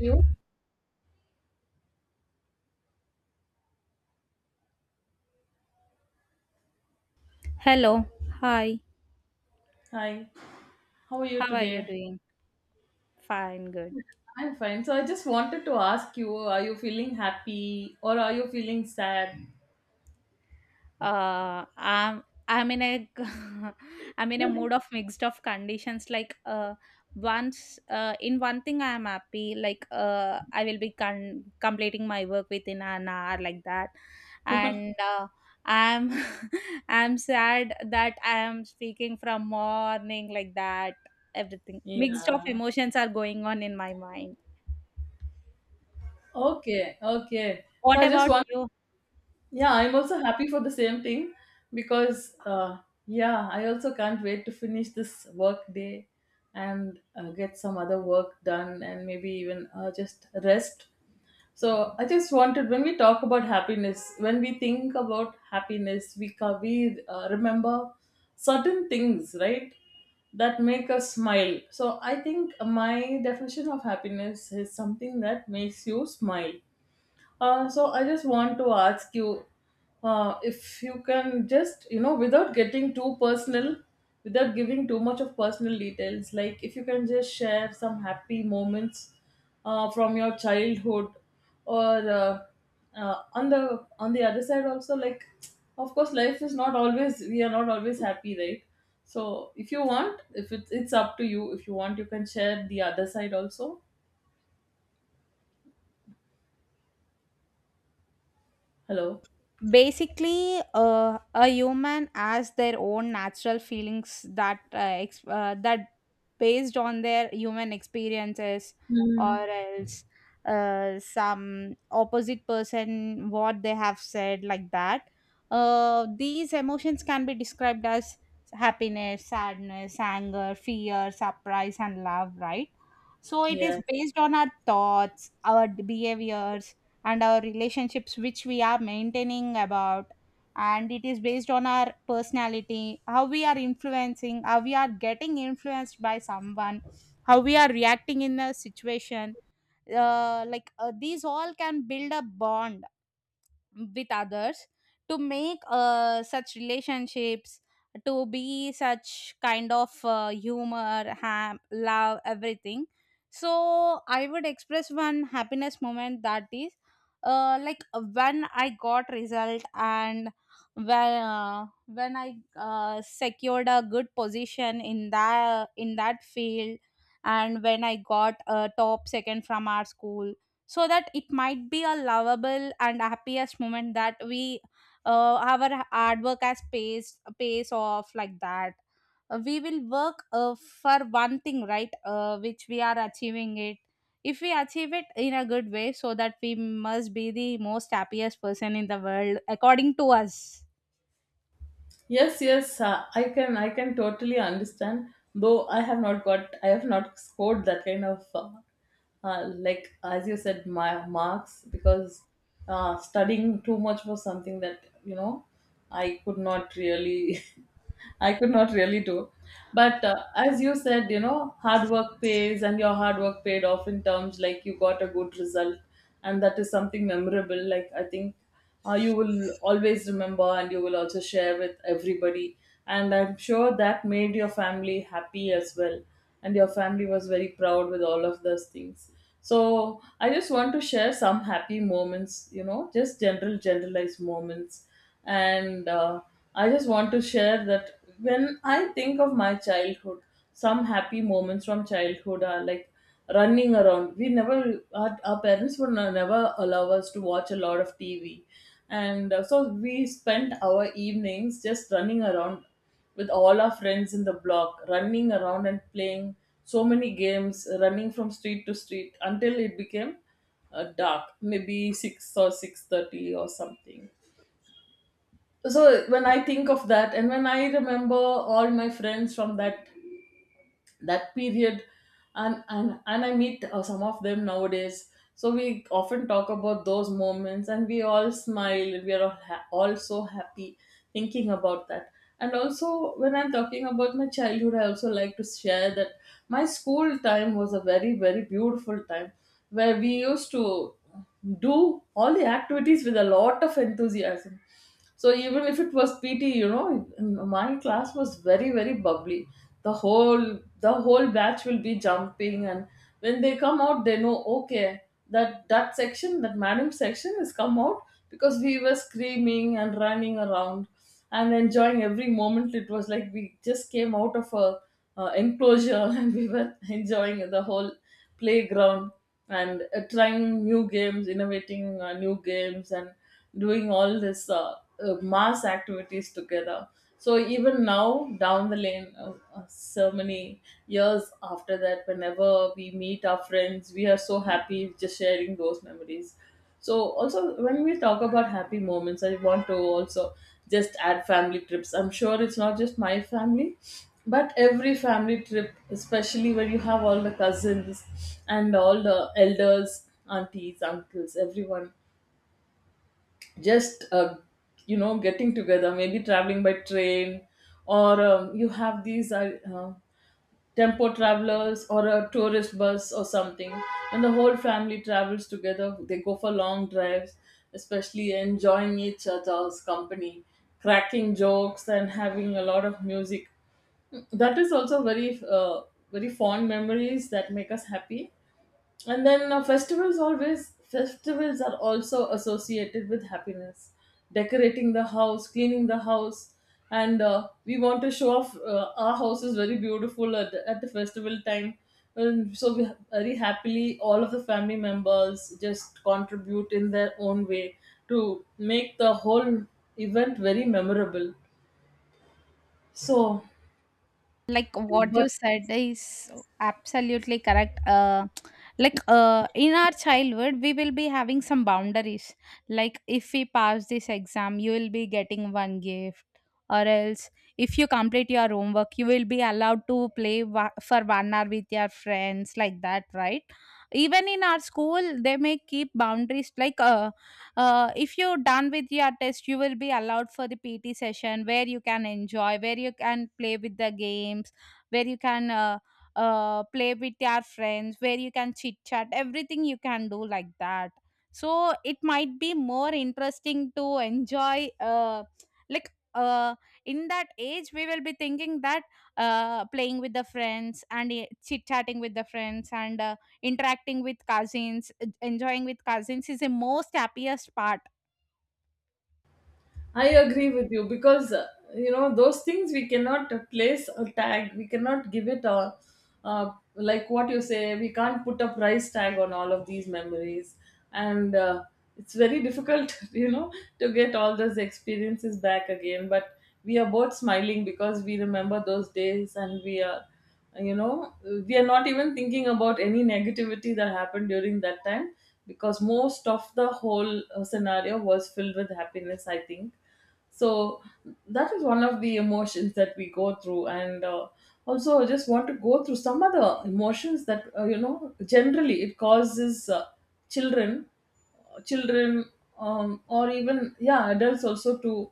You? Hello. Hi. Hi, how are you How are you today? doing? Fine, good. I'm fine. So I just wanted to ask you, are you feeling happy or are you feeling sad? Uh, I'm I'm in a I'm in a mood of mixed of conditions. Like once in one thing I am happy. Like I will be completing my work within an hour, like that. And I'm I'm sad that I am speaking from morning, like that. Everything mixed of Yeah. emotions are going on in my mind. Okay. Okay. So What I just about want, you? yeah, I'm also happy for the same thing because, yeah, I also can't wait to finish this work day and get some other work done and maybe even just rest. So I just wanted, when we talk about happiness, when we think about happiness, we remember certain things, right? That make us smile. So I think my definition of happiness is something that makes you smile. So I just want to ask you if you can just, you know, without getting too personal, without giving too much of personal details, like if you can just share some happy moments from your childhood, or uh, on the other side also, like of course life is not always, we are not always happy, right? So if you want, if it's up to you. If you want, you can share the other side also. Hello. Basically a human has their own natural feelings that that based on their human experiences, or Hmm. else some opposite person what they have said, like that. Uh, these emotions can be described as happiness, sadness, anger, fear, surprise, and love, right? So it is Yeah. based on our thoughts, our behaviors, and our relationships which we are maintaining about. And it is based on our personality, how we are influencing, how we are getting influenced by someone, how we are reacting in a situation. Uh, like these all can build a bond with others, to make such relationships, to be such kind of humor, ham, love, everything. So I would express one happiness moment, that is like when I got result, and when I secured a good position in that field, and when I got a top second from our school. So that it might be a lovable and happiest moment, that we our hard work has pays off, like that. We will work for one thing, right? Uh, which we are achieving it. If we achieve it in a good way, so that we must be the most happiest person in the world, according to us. Yes, yes, I can totally understand. Though I have not got, I have not scored that kind of, like as you said, my marks, because studying too much was something that, you know, I could not really, I could not really do. But as you said, you know, hard work pays, and your hard work paid off in terms like you got a good result, and that is something memorable. Like I think you will always remember and you will also share with everybody. And I'm sure that made your family happy as well. And your family was very proud with all of those things. So I just want to share some happy moments, you know, just general, generalized moments. And I just want to share that when I think of my childhood, some happy moments from childhood are like running around. We never, our parents would never allow us to watch a lot of TV. And so we spent our evenings just running around with all our friends in the block, running around and playing so many games, running from street to street until it became dark, maybe 6 or 6:30 or something. So when I think of that and when I remember all my friends from that period, and I meet some of them nowadays, so we often talk about those moments, and we all smile, and we are all so happy thinking about that. And also when I'm talking about my childhood, I also like to share that my school time was a very, very beautiful time where we used to do all the activities with a lot of enthusiasm. So even if it was PT, you know, my class was very, very bubbly. The whole batch will be jumping, and when they come out, they know, okay, that section, that madam section has come out, because we were screaming and running around and enjoying every moment. It was like we just came out of a enclosure and we were enjoying the whole playground and trying new games, innovating new games, and doing all this mass activities together. So even now, down the lane, so many years after that, whenever we meet our friends, we are so happy just sharing those memories. So also when we talk about happy moments, I want to also just add family trips. I'm sure it's not just my family, but every family trip, especially when you have all the cousins and all the elders, aunties, uncles, everyone just you know, getting together, maybe traveling by train, or you have these tempo travelers or a tourist bus or something, and the whole family travels together. They go for long drives, especially enjoying each other's company, cracking jokes, and having a lot of music. That is also very uh, very fond memories that make us happy. And then festivals, always festivals are also associated with happiness. Decorating the house, cleaning the house, and we want to show off. Our house is very beautiful at at the festival time. And so we very happily, all of the family members just contribute in their own way to make the whole event very memorable. So, Like what you but said is absolutely correct. Like in our childhood we will be having some boundaries. Like, if we pass this exam, you will be getting one gift. Or else, if you complete your homework, you will be allowed to play for one hour with your friends, like that, right? Even in our school they may keep boundaries, like if you're done with your test, you will be allowed for the pt session, where you can enjoy, where you can play with the games, where you can play with your friends, where you can chit chat everything, you can do, like that. So it might be more interesting to enjoy like in that age we will be thinking that playing with the friends, and chit chatting with the friends, and interacting with cousins, enjoying with cousins is the most happiest part. I agree with you because you know, those things we cannot place a tag. We cannot give it a like what you say. We can't put a price tag on all of these memories, and it's very difficult, you know, to get all those experiences back again. But we are both smiling because we remember those days, and we are, you know, we are not even thinking about any negativity that happened during that time, because most of the whole scenario was filled with happiness, I think. So that is one of the emotions that we go through. And also, I just want to go through some other emotions that you know, generally it causes children children, or even, yeah, adults also to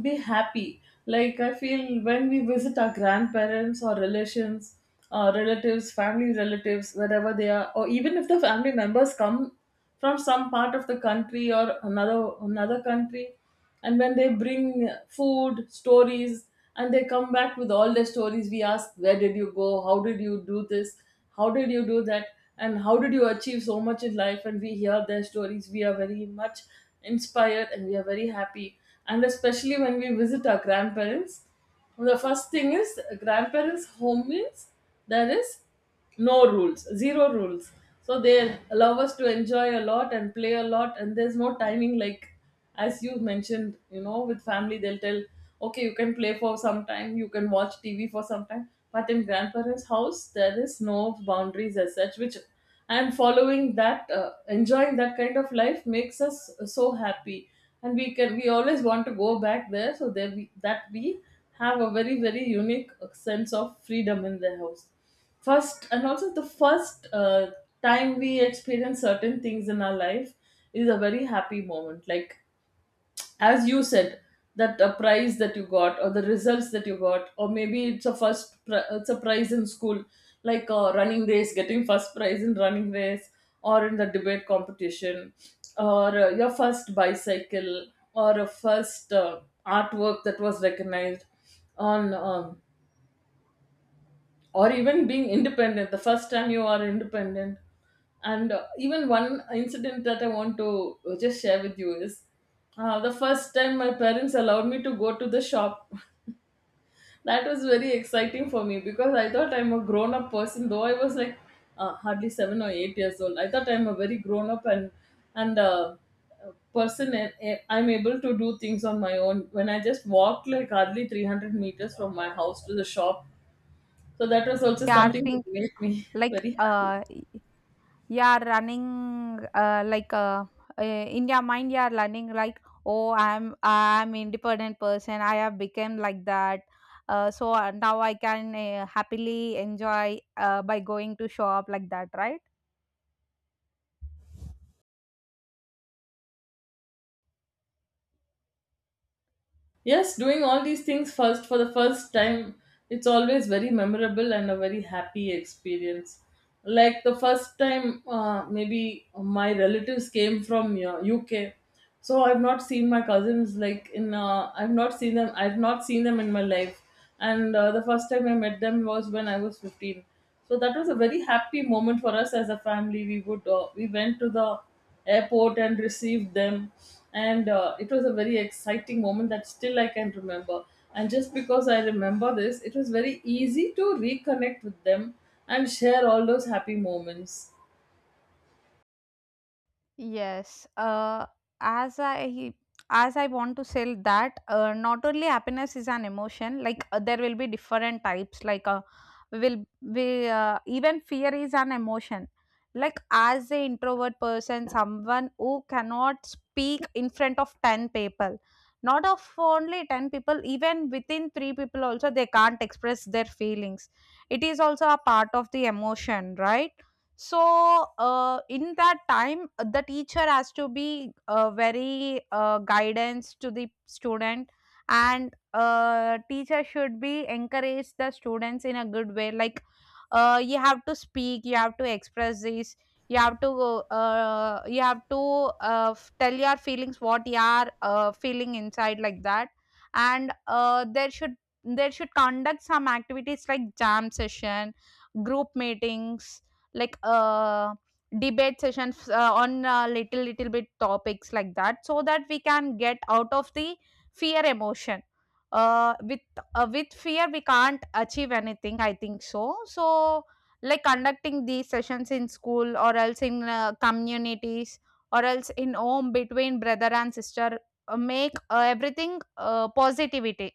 be happy. Like I feel when we visit our grandparents or relations, relatives, family relatives, wherever they are, or even if the family members come from some part of the country or another country, and when they bring food, stories, and they come back with all their stories, we ask, where did you go? How did you do this? How did you do that? And how did you achieve so much in life? And we hear their stories, we are very much inspired, and we are very happy. And especially when we visit our grandparents, the first thing is grandparents home means there is no rules, zero rules. So they allow us to enjoy a lot and play a lot, and there's no timing. Like as you mentioned, you know, with family they'll tell, okay, you can play for some time, you can watch TV for some time, but in grandparents house there is no boundaries as such, which, and following that, enjoying that kind of life makes us so happy, and we can, we always want to go back there. So there we, that we have a very, very unique sense of freedom in their house first. And also the first time we experience certain things in our life is a very happy moment, like as you said, that a prize that you got or the results that you got, or maybe it's it's a prize in school, like a running race, getting first prize in running race, or in the debate competition, or your first bicycle, or a first artwork that was recognized on or even being independent, the first time you are independent. And even one incident that I want to just share with you is the first time my parents allowed me to go to the shop. That was very exciting for me because I thought I'm a grown up person, though I was like hardly 7 or 8 years old. I thought I'm a very grown up and and uh, person, and I'm able to do things on my own when I just walked like hardly 300 meters from my house to the shop. So that was also You are something think, that made me like very happy. You are running in your mind you are learning, like, oh, I'm independent person, I have become, like that. Uh, so now I can happily enjoy by going to shop, like that, right? Yes, doing all these things first for the first time, it's always very memorable and a very happy experience. Like the first time, maybe my relatives came from UK, so I've not seen my cousins, like in I've not seen them, in my life, and the first time I met them was when I was 15. So that was a very happy moment for us as a family. We would we went to the airport and received them, and it was a very exciting moment that still I can remember. And just because I remember this, it was very easy to reconnect with them and share all those happy moments. Yes, as I as I want to sell that, not only happiness is an emotion. Like there will be different types. Like will we even fear is an emotion. Like as a introvert person, someone who cannot speak in front of 10 people, not of only 10 people, even within three people also they can't express their feelings. It is also a part of the emotion, right? So in that time the teacher has to be very guidance to the student. And teacher should be encourage the students in a good way, like you have to speak, you have to express this, you have to f- tell your feelings what you are feeling inside, like that. And there should conduct some activities like jam session, group meetings, like debate sessions on little bit topics, like that, so that we can get out of the fear emotion. Uh with uh, with fear we can't achieve anything, I think so. So like conducting these sessions in school, or else in communities, or else in home between brother and sister, make everything positivity.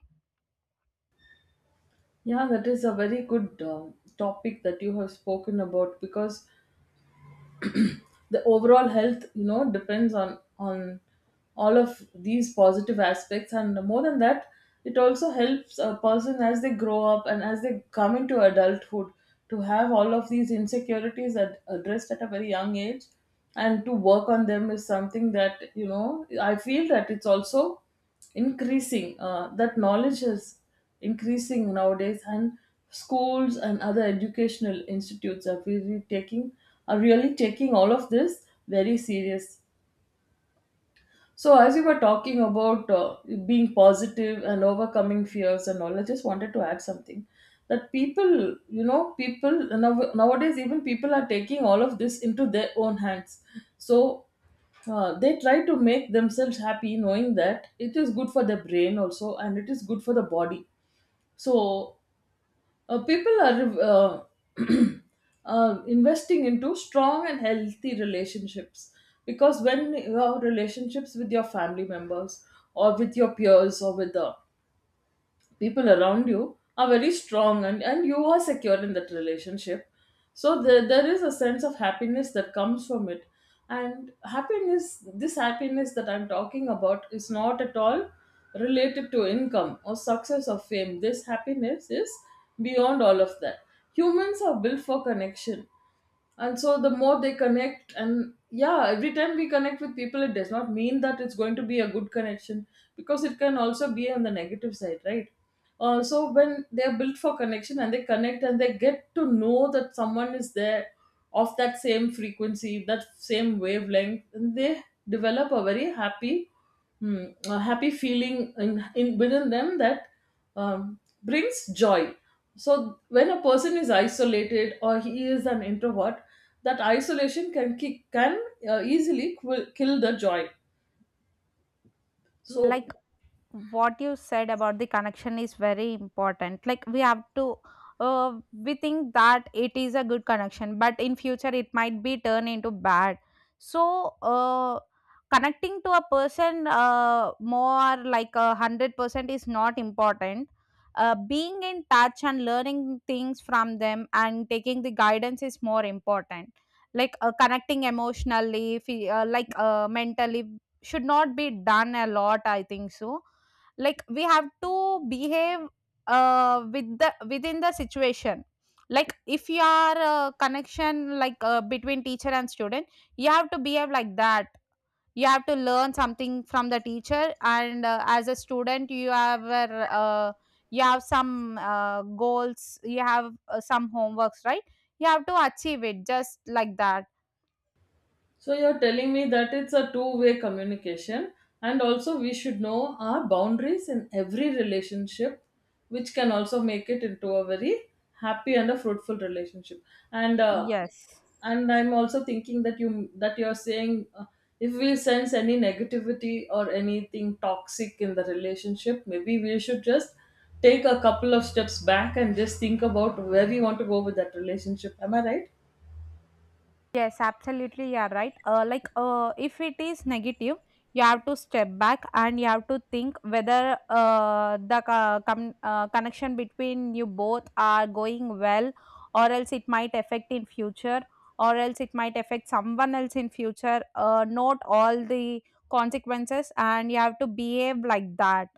Yeah, that is a very good topic that you have spoken about, because the overall health you know depends on all of these positive aspects. And more than that, it also helps a person as they grow up and as they come into adulthood to have all of these insecurities addressed at a very young age, and to work on them is something that, you know, I feel that it's also increasing, that knowledge is increasing nowadays. And schools and other educational institutes are really taking all of this very serious. So as you were talking about being positive and overcoming fears and all, I just wanted to add something, that people, you know, nowadays even people are taking all of this into their own hands. So they try to make themselves happy, knowing that it is good for the brain also, and it is good for the body. So people are uh, investing into strong and healthy relationships, because when you have relationships with your family members, or with your peers, or with the people around you are very strong, and you are secure in that relationship, so there is a sense of happiness that comes from it. And happiness this happiness that I'm talking about is not at all related to income or success or fame. This happiness is beyond all of that. Humans are built for connection, and so the more they connect, and yeah, every time we connect with people it does not mean that it's going to be a good connection, because it can also be on the negative side, right? So when they are built for connection and they connect and they get to know that someone is there of that same frequency, that same wavelength, and they develop a very a happy feeling in within them that um, brings joy. So when a person is isolated or he is an introvert, that isolation can can easily kill the joy. Like So, what you said about the connection is very important. Like we have to we think that it is a good connection, but in future it might be turned into bad. So connecting to a person more like 100% is not important. Uh, being in touch and learning things from them and taking the guidance is more important. Like connecting emotionally, like mentally should not be done a lot, I think so. Like we have to behave with the, within the situation. Like, if you are a connection, like between teacher and student, you have to behave like that. You have to learn something from the teacher, and as a student you have a, you have some goals, you have some homeworks, right? You have to achieve it, just like that. so you're telling me that it's a two-way communication, and also we should know our boundaries in every relationship, which can also make it into a very happy and a fruitful relationship. And uh, Yes. and I'm also thinking that you're saying if we sense any negativity or anything toxic in the relationship, maybe we should just take a couple of steps back and just think about where we want to go with that relationship. Am I right? Yes, absolutely, you are right. Like, if it is negative, you have to step back and you have to think whether the connection between you both are going well, or else it might affect in future, or else it might affect someone else in future. Note all the consequences, and you have to behave like that.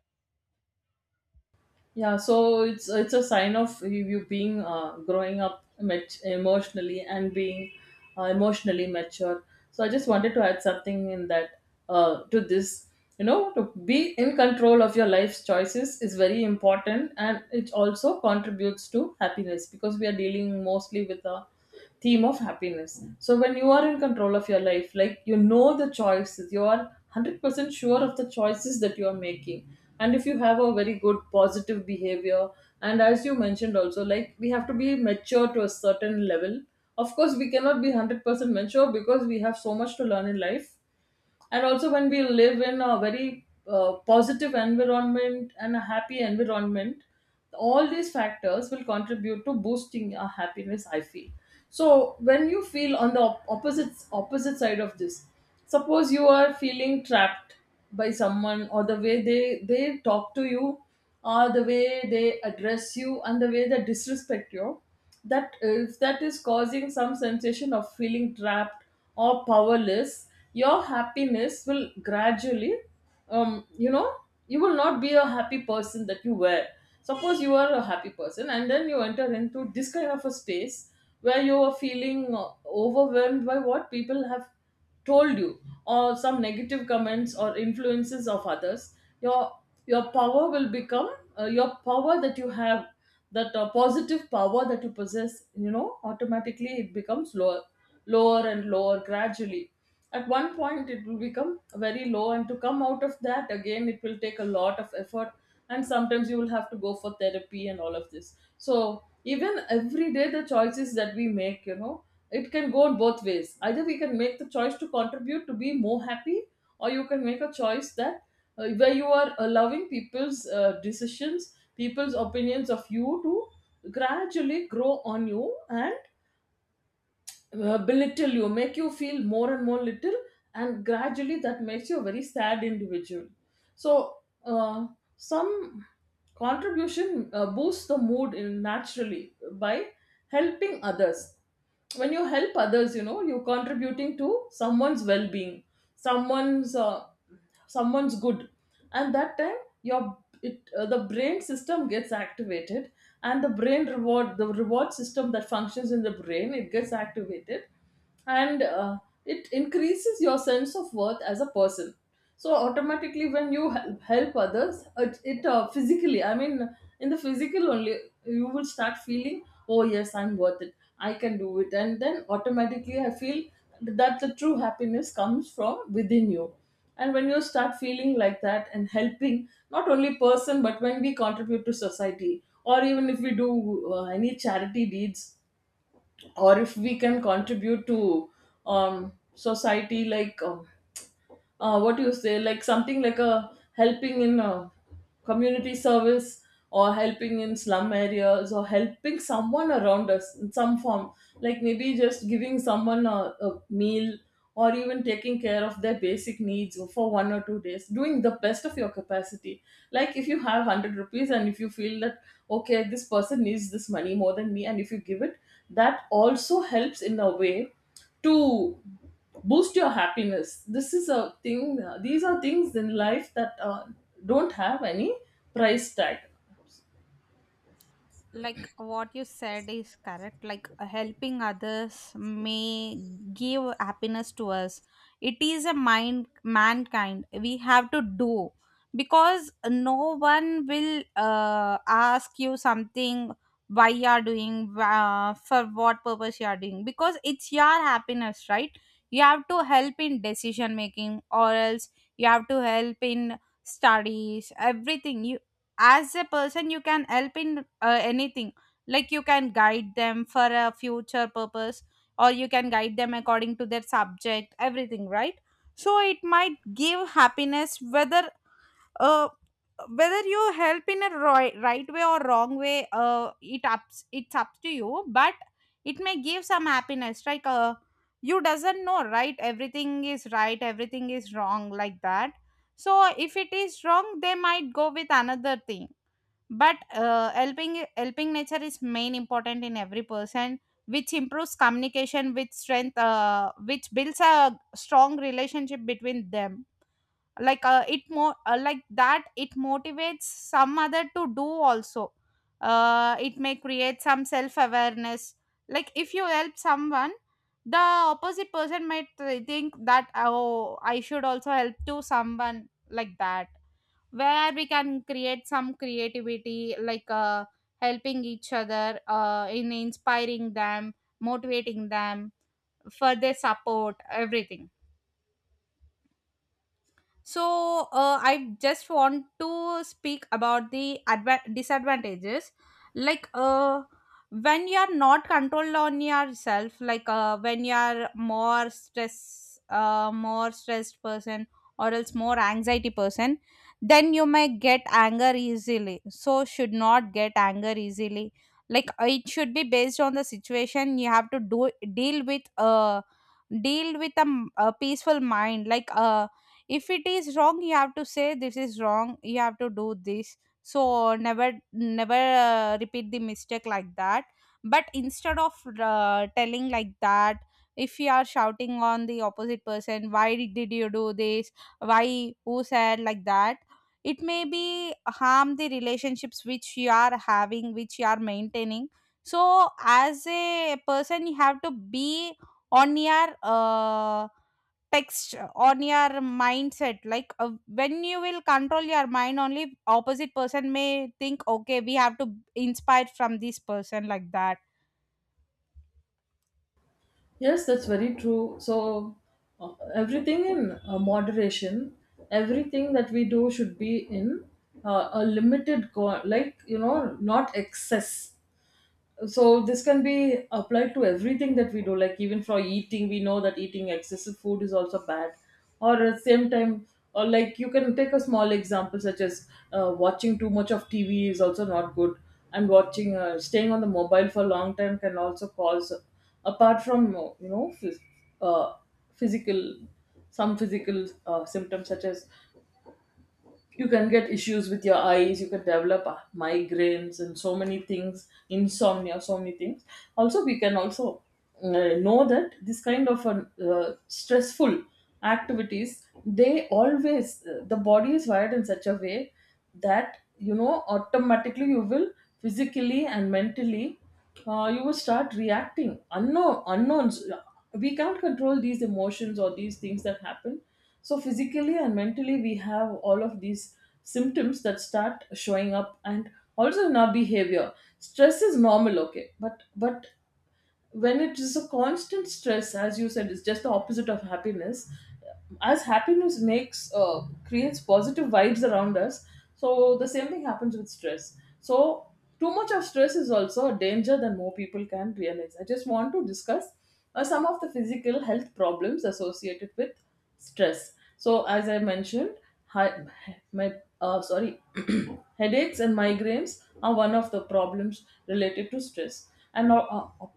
Yeah, so it's a sign of you being, growing up emotionally and being emotionally mature. So I just wanted to add something in that, to this, you know, to be in control of your life's choices is very important, and it also contributes to happiness, because we are dealing mostly with a theme of happiness. So when you are in control of your life, like you know the choices, you are 100% sure of the choices that you are making, and if you have a very good positive behavior, and as you mentioned also, like we have to be mature to a certain level. Of course, we cannot be 100% mature because we have so much to learn in life. And also when we live in a very positive environment and a happy environment, all these factors will contribute to boosting our happiness, I feel. So when you feel on the opposite side of this, suppose you are feeling trapped by someone, or the way they talk to you, or the way they address you and the way they disrespect you, that if that is causing some sensation of feeling trapped or powerless, your happiness will gradually, you know, you will not be a happy person that you were. Suppose you are a happy person and then you enter into this kind of a space where you are feeling overwhelmed by what people have told you, or some negative comments or influences of others, your your power will become your power that you have, that positive power that you possess, you know, automatically it becomes lower, lower and lower gradually. At one point it will become very low, and to come out of that again it will take a lot of effort, and sometimes you will have to go for therapy and all of this. So even every day, the choices that we make, you know, it can go in both ways: either we can make the choice to contribute to be more happy, or you can make a choice that, where you are allowing people's opinions of you to gradually grow on you and belittle you, make you feel more and more little, and gradually that makes you a very sad individual. So, uh, some contribution boosts the mood in naturally by helping others. When you help others, you know, you're contributing to someone's well-being, someone's uh, someone's good, and that time your the brain system gets activated, and the brain reward the reward system that functions in the brain, it gets activated, and it increases your sense of worth as a person. So automatically when you help others, it physically, I mean in the physical only, you will start feeling, oh yes, I'm worth it, I can do it, and then automatically I feel that the true happiness comes from within you. And when you start feeling like that and helping not only person, but when we contribute to society, or even if we do any charity deeds, or if we can contribute to society, like, what do you say, like something like a helping in a community service, or helping in slum areas, or helping someone around us in some form, like maybe just giving someone a meal, or even taking care of their basic needs for one or two days, doing the best of your capacity. Like if you have 100 rupees and if you feel that, okay, this person needs this money more than me, and if you give it, that also helps in a way to boost your happiness. This is a thing, these are things in life that don't have any price tag. Like what you said is correct. Like helping others may give happiness to us. It is a mind mankind we have to do, because no one will ask you something, why you are doing for what purpose you are doing, because it's your happiness, right? You have to help in decision making, or else you have to help in studies, everything. You as a person you can help in anything. Like you can guide them for a future purpose, or you can guide them according to their subject, everything, right? So it might give happiness, whether uh, whether you help in a right way or wrong way, it ups it's up to you, but it may give some happiness. Like you doesn't know, right? Everything is right, everything is wrong, like that. So if it is wrong they might go with another thing, but helping nature is main important in every person, which improves communication, which strength which builds a strong relationship between them. Like it more like that, it motivates some other to do also. Uh, it may create some self awareness. Like if you help someone, the opposite person might think that, oh, I should also help to someone, like that, where we can create some creativity, like helping each other in inspiring them, motivating them, for their support, everything. So I just want to speak about the disadvantages. Like when you are not controlled on yourself, like when you are more stress, more stressed person, or else more anxiety person, then you may get anger easily. So should not get anger easily. Like it should be based on the situation. You have to do deal with a peaceful mind. Like if it is wrong, you have to say this is wrong, you have to do this, so never repeat the mistake, like that. But instead of telling like that, if you are shouting on the opposite person, why did you do this, why, who said like that, it may be harm the relationships which you are having, which you are maintaining. So as a person you have to be on your text on your mindset, like when you will control your mind only opposite person may think, okay, we have to inspire from this person, like that. Yes, that's very true. So everything in moderation, everything that we do should be in a limited, like you know, not excess. So this can be applied to everything that we do, like even for eating, we know that eating excessive food is also bad, or at the same time, or like you can take a small example such as watching too much of TV is also not good. And watching, staying on the mobile for a long time can also cause, apart from, you know, uh, physical, some physical symptoms, such as you can get issues with your eyes, you can develop migraines and so many things, insomnia, so many things. Also, we can also know that this kind of an, stressful activities, they always, the body is wired in such a way that, you know, automatically you will physically and mentally, you will start reacting unknown unknowns, we can't control these emotions or these things that happen. So, physically and mentally, we have all of these symptoms that start showing up and also in our behavior. Stress is normal, okay, but when it is a constant stress, as you said, it's just the opposite of happiness. As happiness makes, creates positive vibes around us, so the same thing happens with stress. So too much of stress is also a danger than more people can realize. I just want to discuss some of the physical health problems associated with stress. So as I mentioned, hi, my sorry, headaches and migraines are one of the problems related to stress. And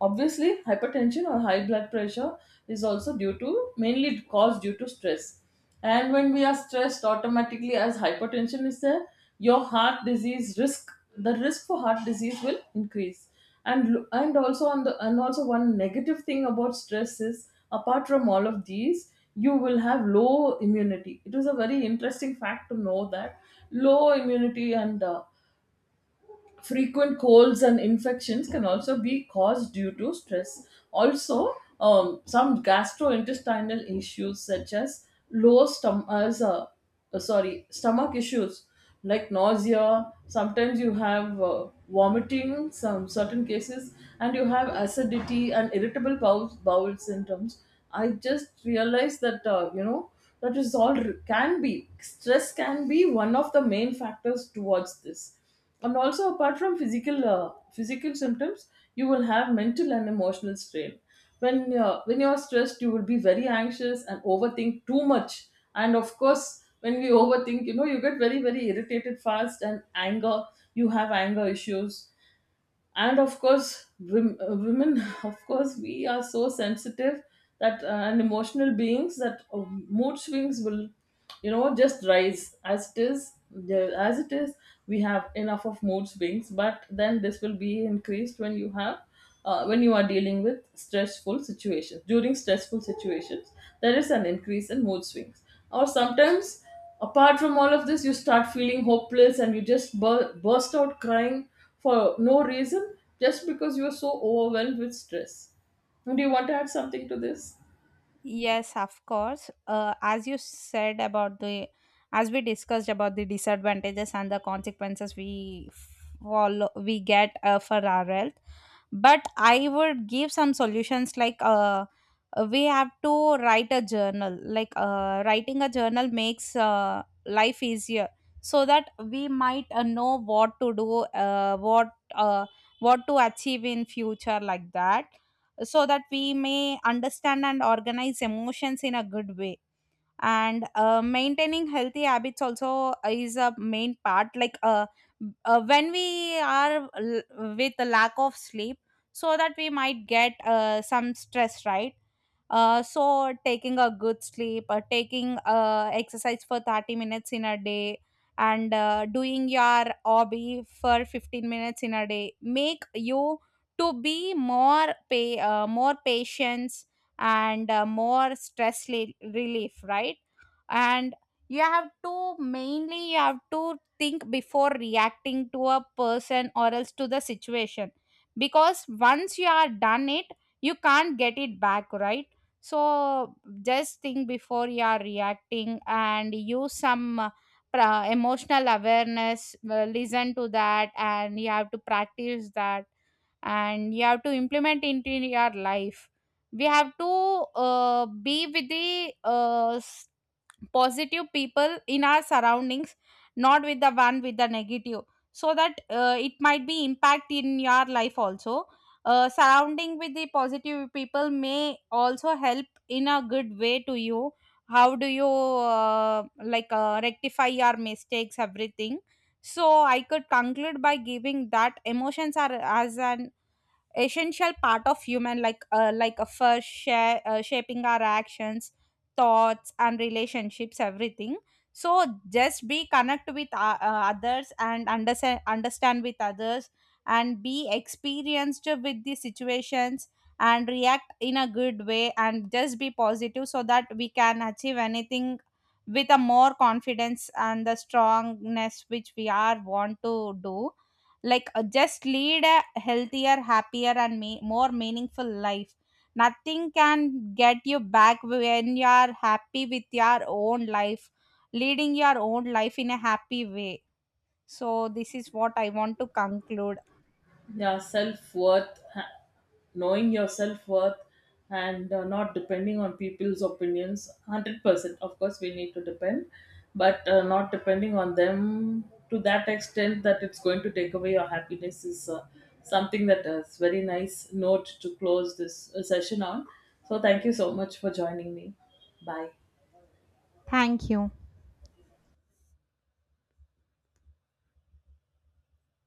obviously, hypertension or high blood pressure is also due to, mainly caused due to stress. And when we are stressed, automatically as hypertension is there, your heart disease risk, the risk for heart disease will increase. And lo- and also on the And also, one negative thing about stress is, apart from all of these, you will have low immunity. It was a very interesting fact to know that low immunity and frequent colds and infections can also be caused due to stress. Also, some gastrointestinal issues such as stomach issues like nausea. Sometimes you have vomiting, some certain cases, and you have acidity and irritable bowel symptoms. I just realized that, you know, that can be, stress can be one of the main factors towards this. And also, apart from physical symptoms, you will have mental and emotional strain. When when you are stressed, you will be very anxious and overthink too much. And of course when we overthink, you know, you get very very irritated fast, and anger, you have anger issues. And of course, women of course we are so sensitive, that and emotional beings, that mood swings will, you know, just rise. As it is, we have enough of mood swings, but then this will be increased when you have, when you are dealing with stressful situations. During stressful situations, there is an increase in mood swings. Or sometimes, apart from all of this, you start feeling hopeless and you just burst out crying for no reason, just because you are so overwhelmed with stress. Do you want to add something to this? Yes, of course. As you said about the, as we discussed about the disadvantages and the consequences we follow, we get for our health. But I would give some solutions, like we have to write a journal. Like writing a journal makes life easier, so that we might know what to do, what to achieve in future, like that, so that we may understand and organize emotions in a good way. And maintaining healthy habits also is a main part, like when we are with a lack of sleep, so that we might get some stress, right? Uh, so taking a good sleep, taking exercise for 30 minutes in a day, and doing your hobby for 15 minutes in a day make you to be more patience, and more stress relief, right? And you have to mainly you have to think before reacting to a person, or else to the situation, because once you are done it, you can't get it back, right? So just think before you are reacting, and use some emotional awareness, listen to that, and you have to practice that, and you have to implement into your life. We have to be with the positive people in our surroundings, not with the one with the negative, so that it might be impact in your life also. Uh, surrounding with the positive people may also help in a good way to you. How do you like rectify your mistakes, everything. So I could conclude by giving that emotions are as an essential part of human, like a first share, shaping our actions, thoughts, and relationships, everything. So just be connect with others, and understand with others, and be experienced with the situations, and react in a good way, and just be positive, so that we can achieve anything with a more confidence and the strongness which we are want to do. Like just lead a healthier, happier, and me more meaningful life. Nothing can get you back when you are happy with your own life, leading your own life in a happy way. So this is what I want to conclude. Yeah, self worth, knowing your self worth, and not depending on people's opinions 100%. Of course, we need to depend, but not depending on them to that extent that it's going to take away your happiness, is something that is very nice note to close this session on. So thank you so much for joining me. Bye. Thank you.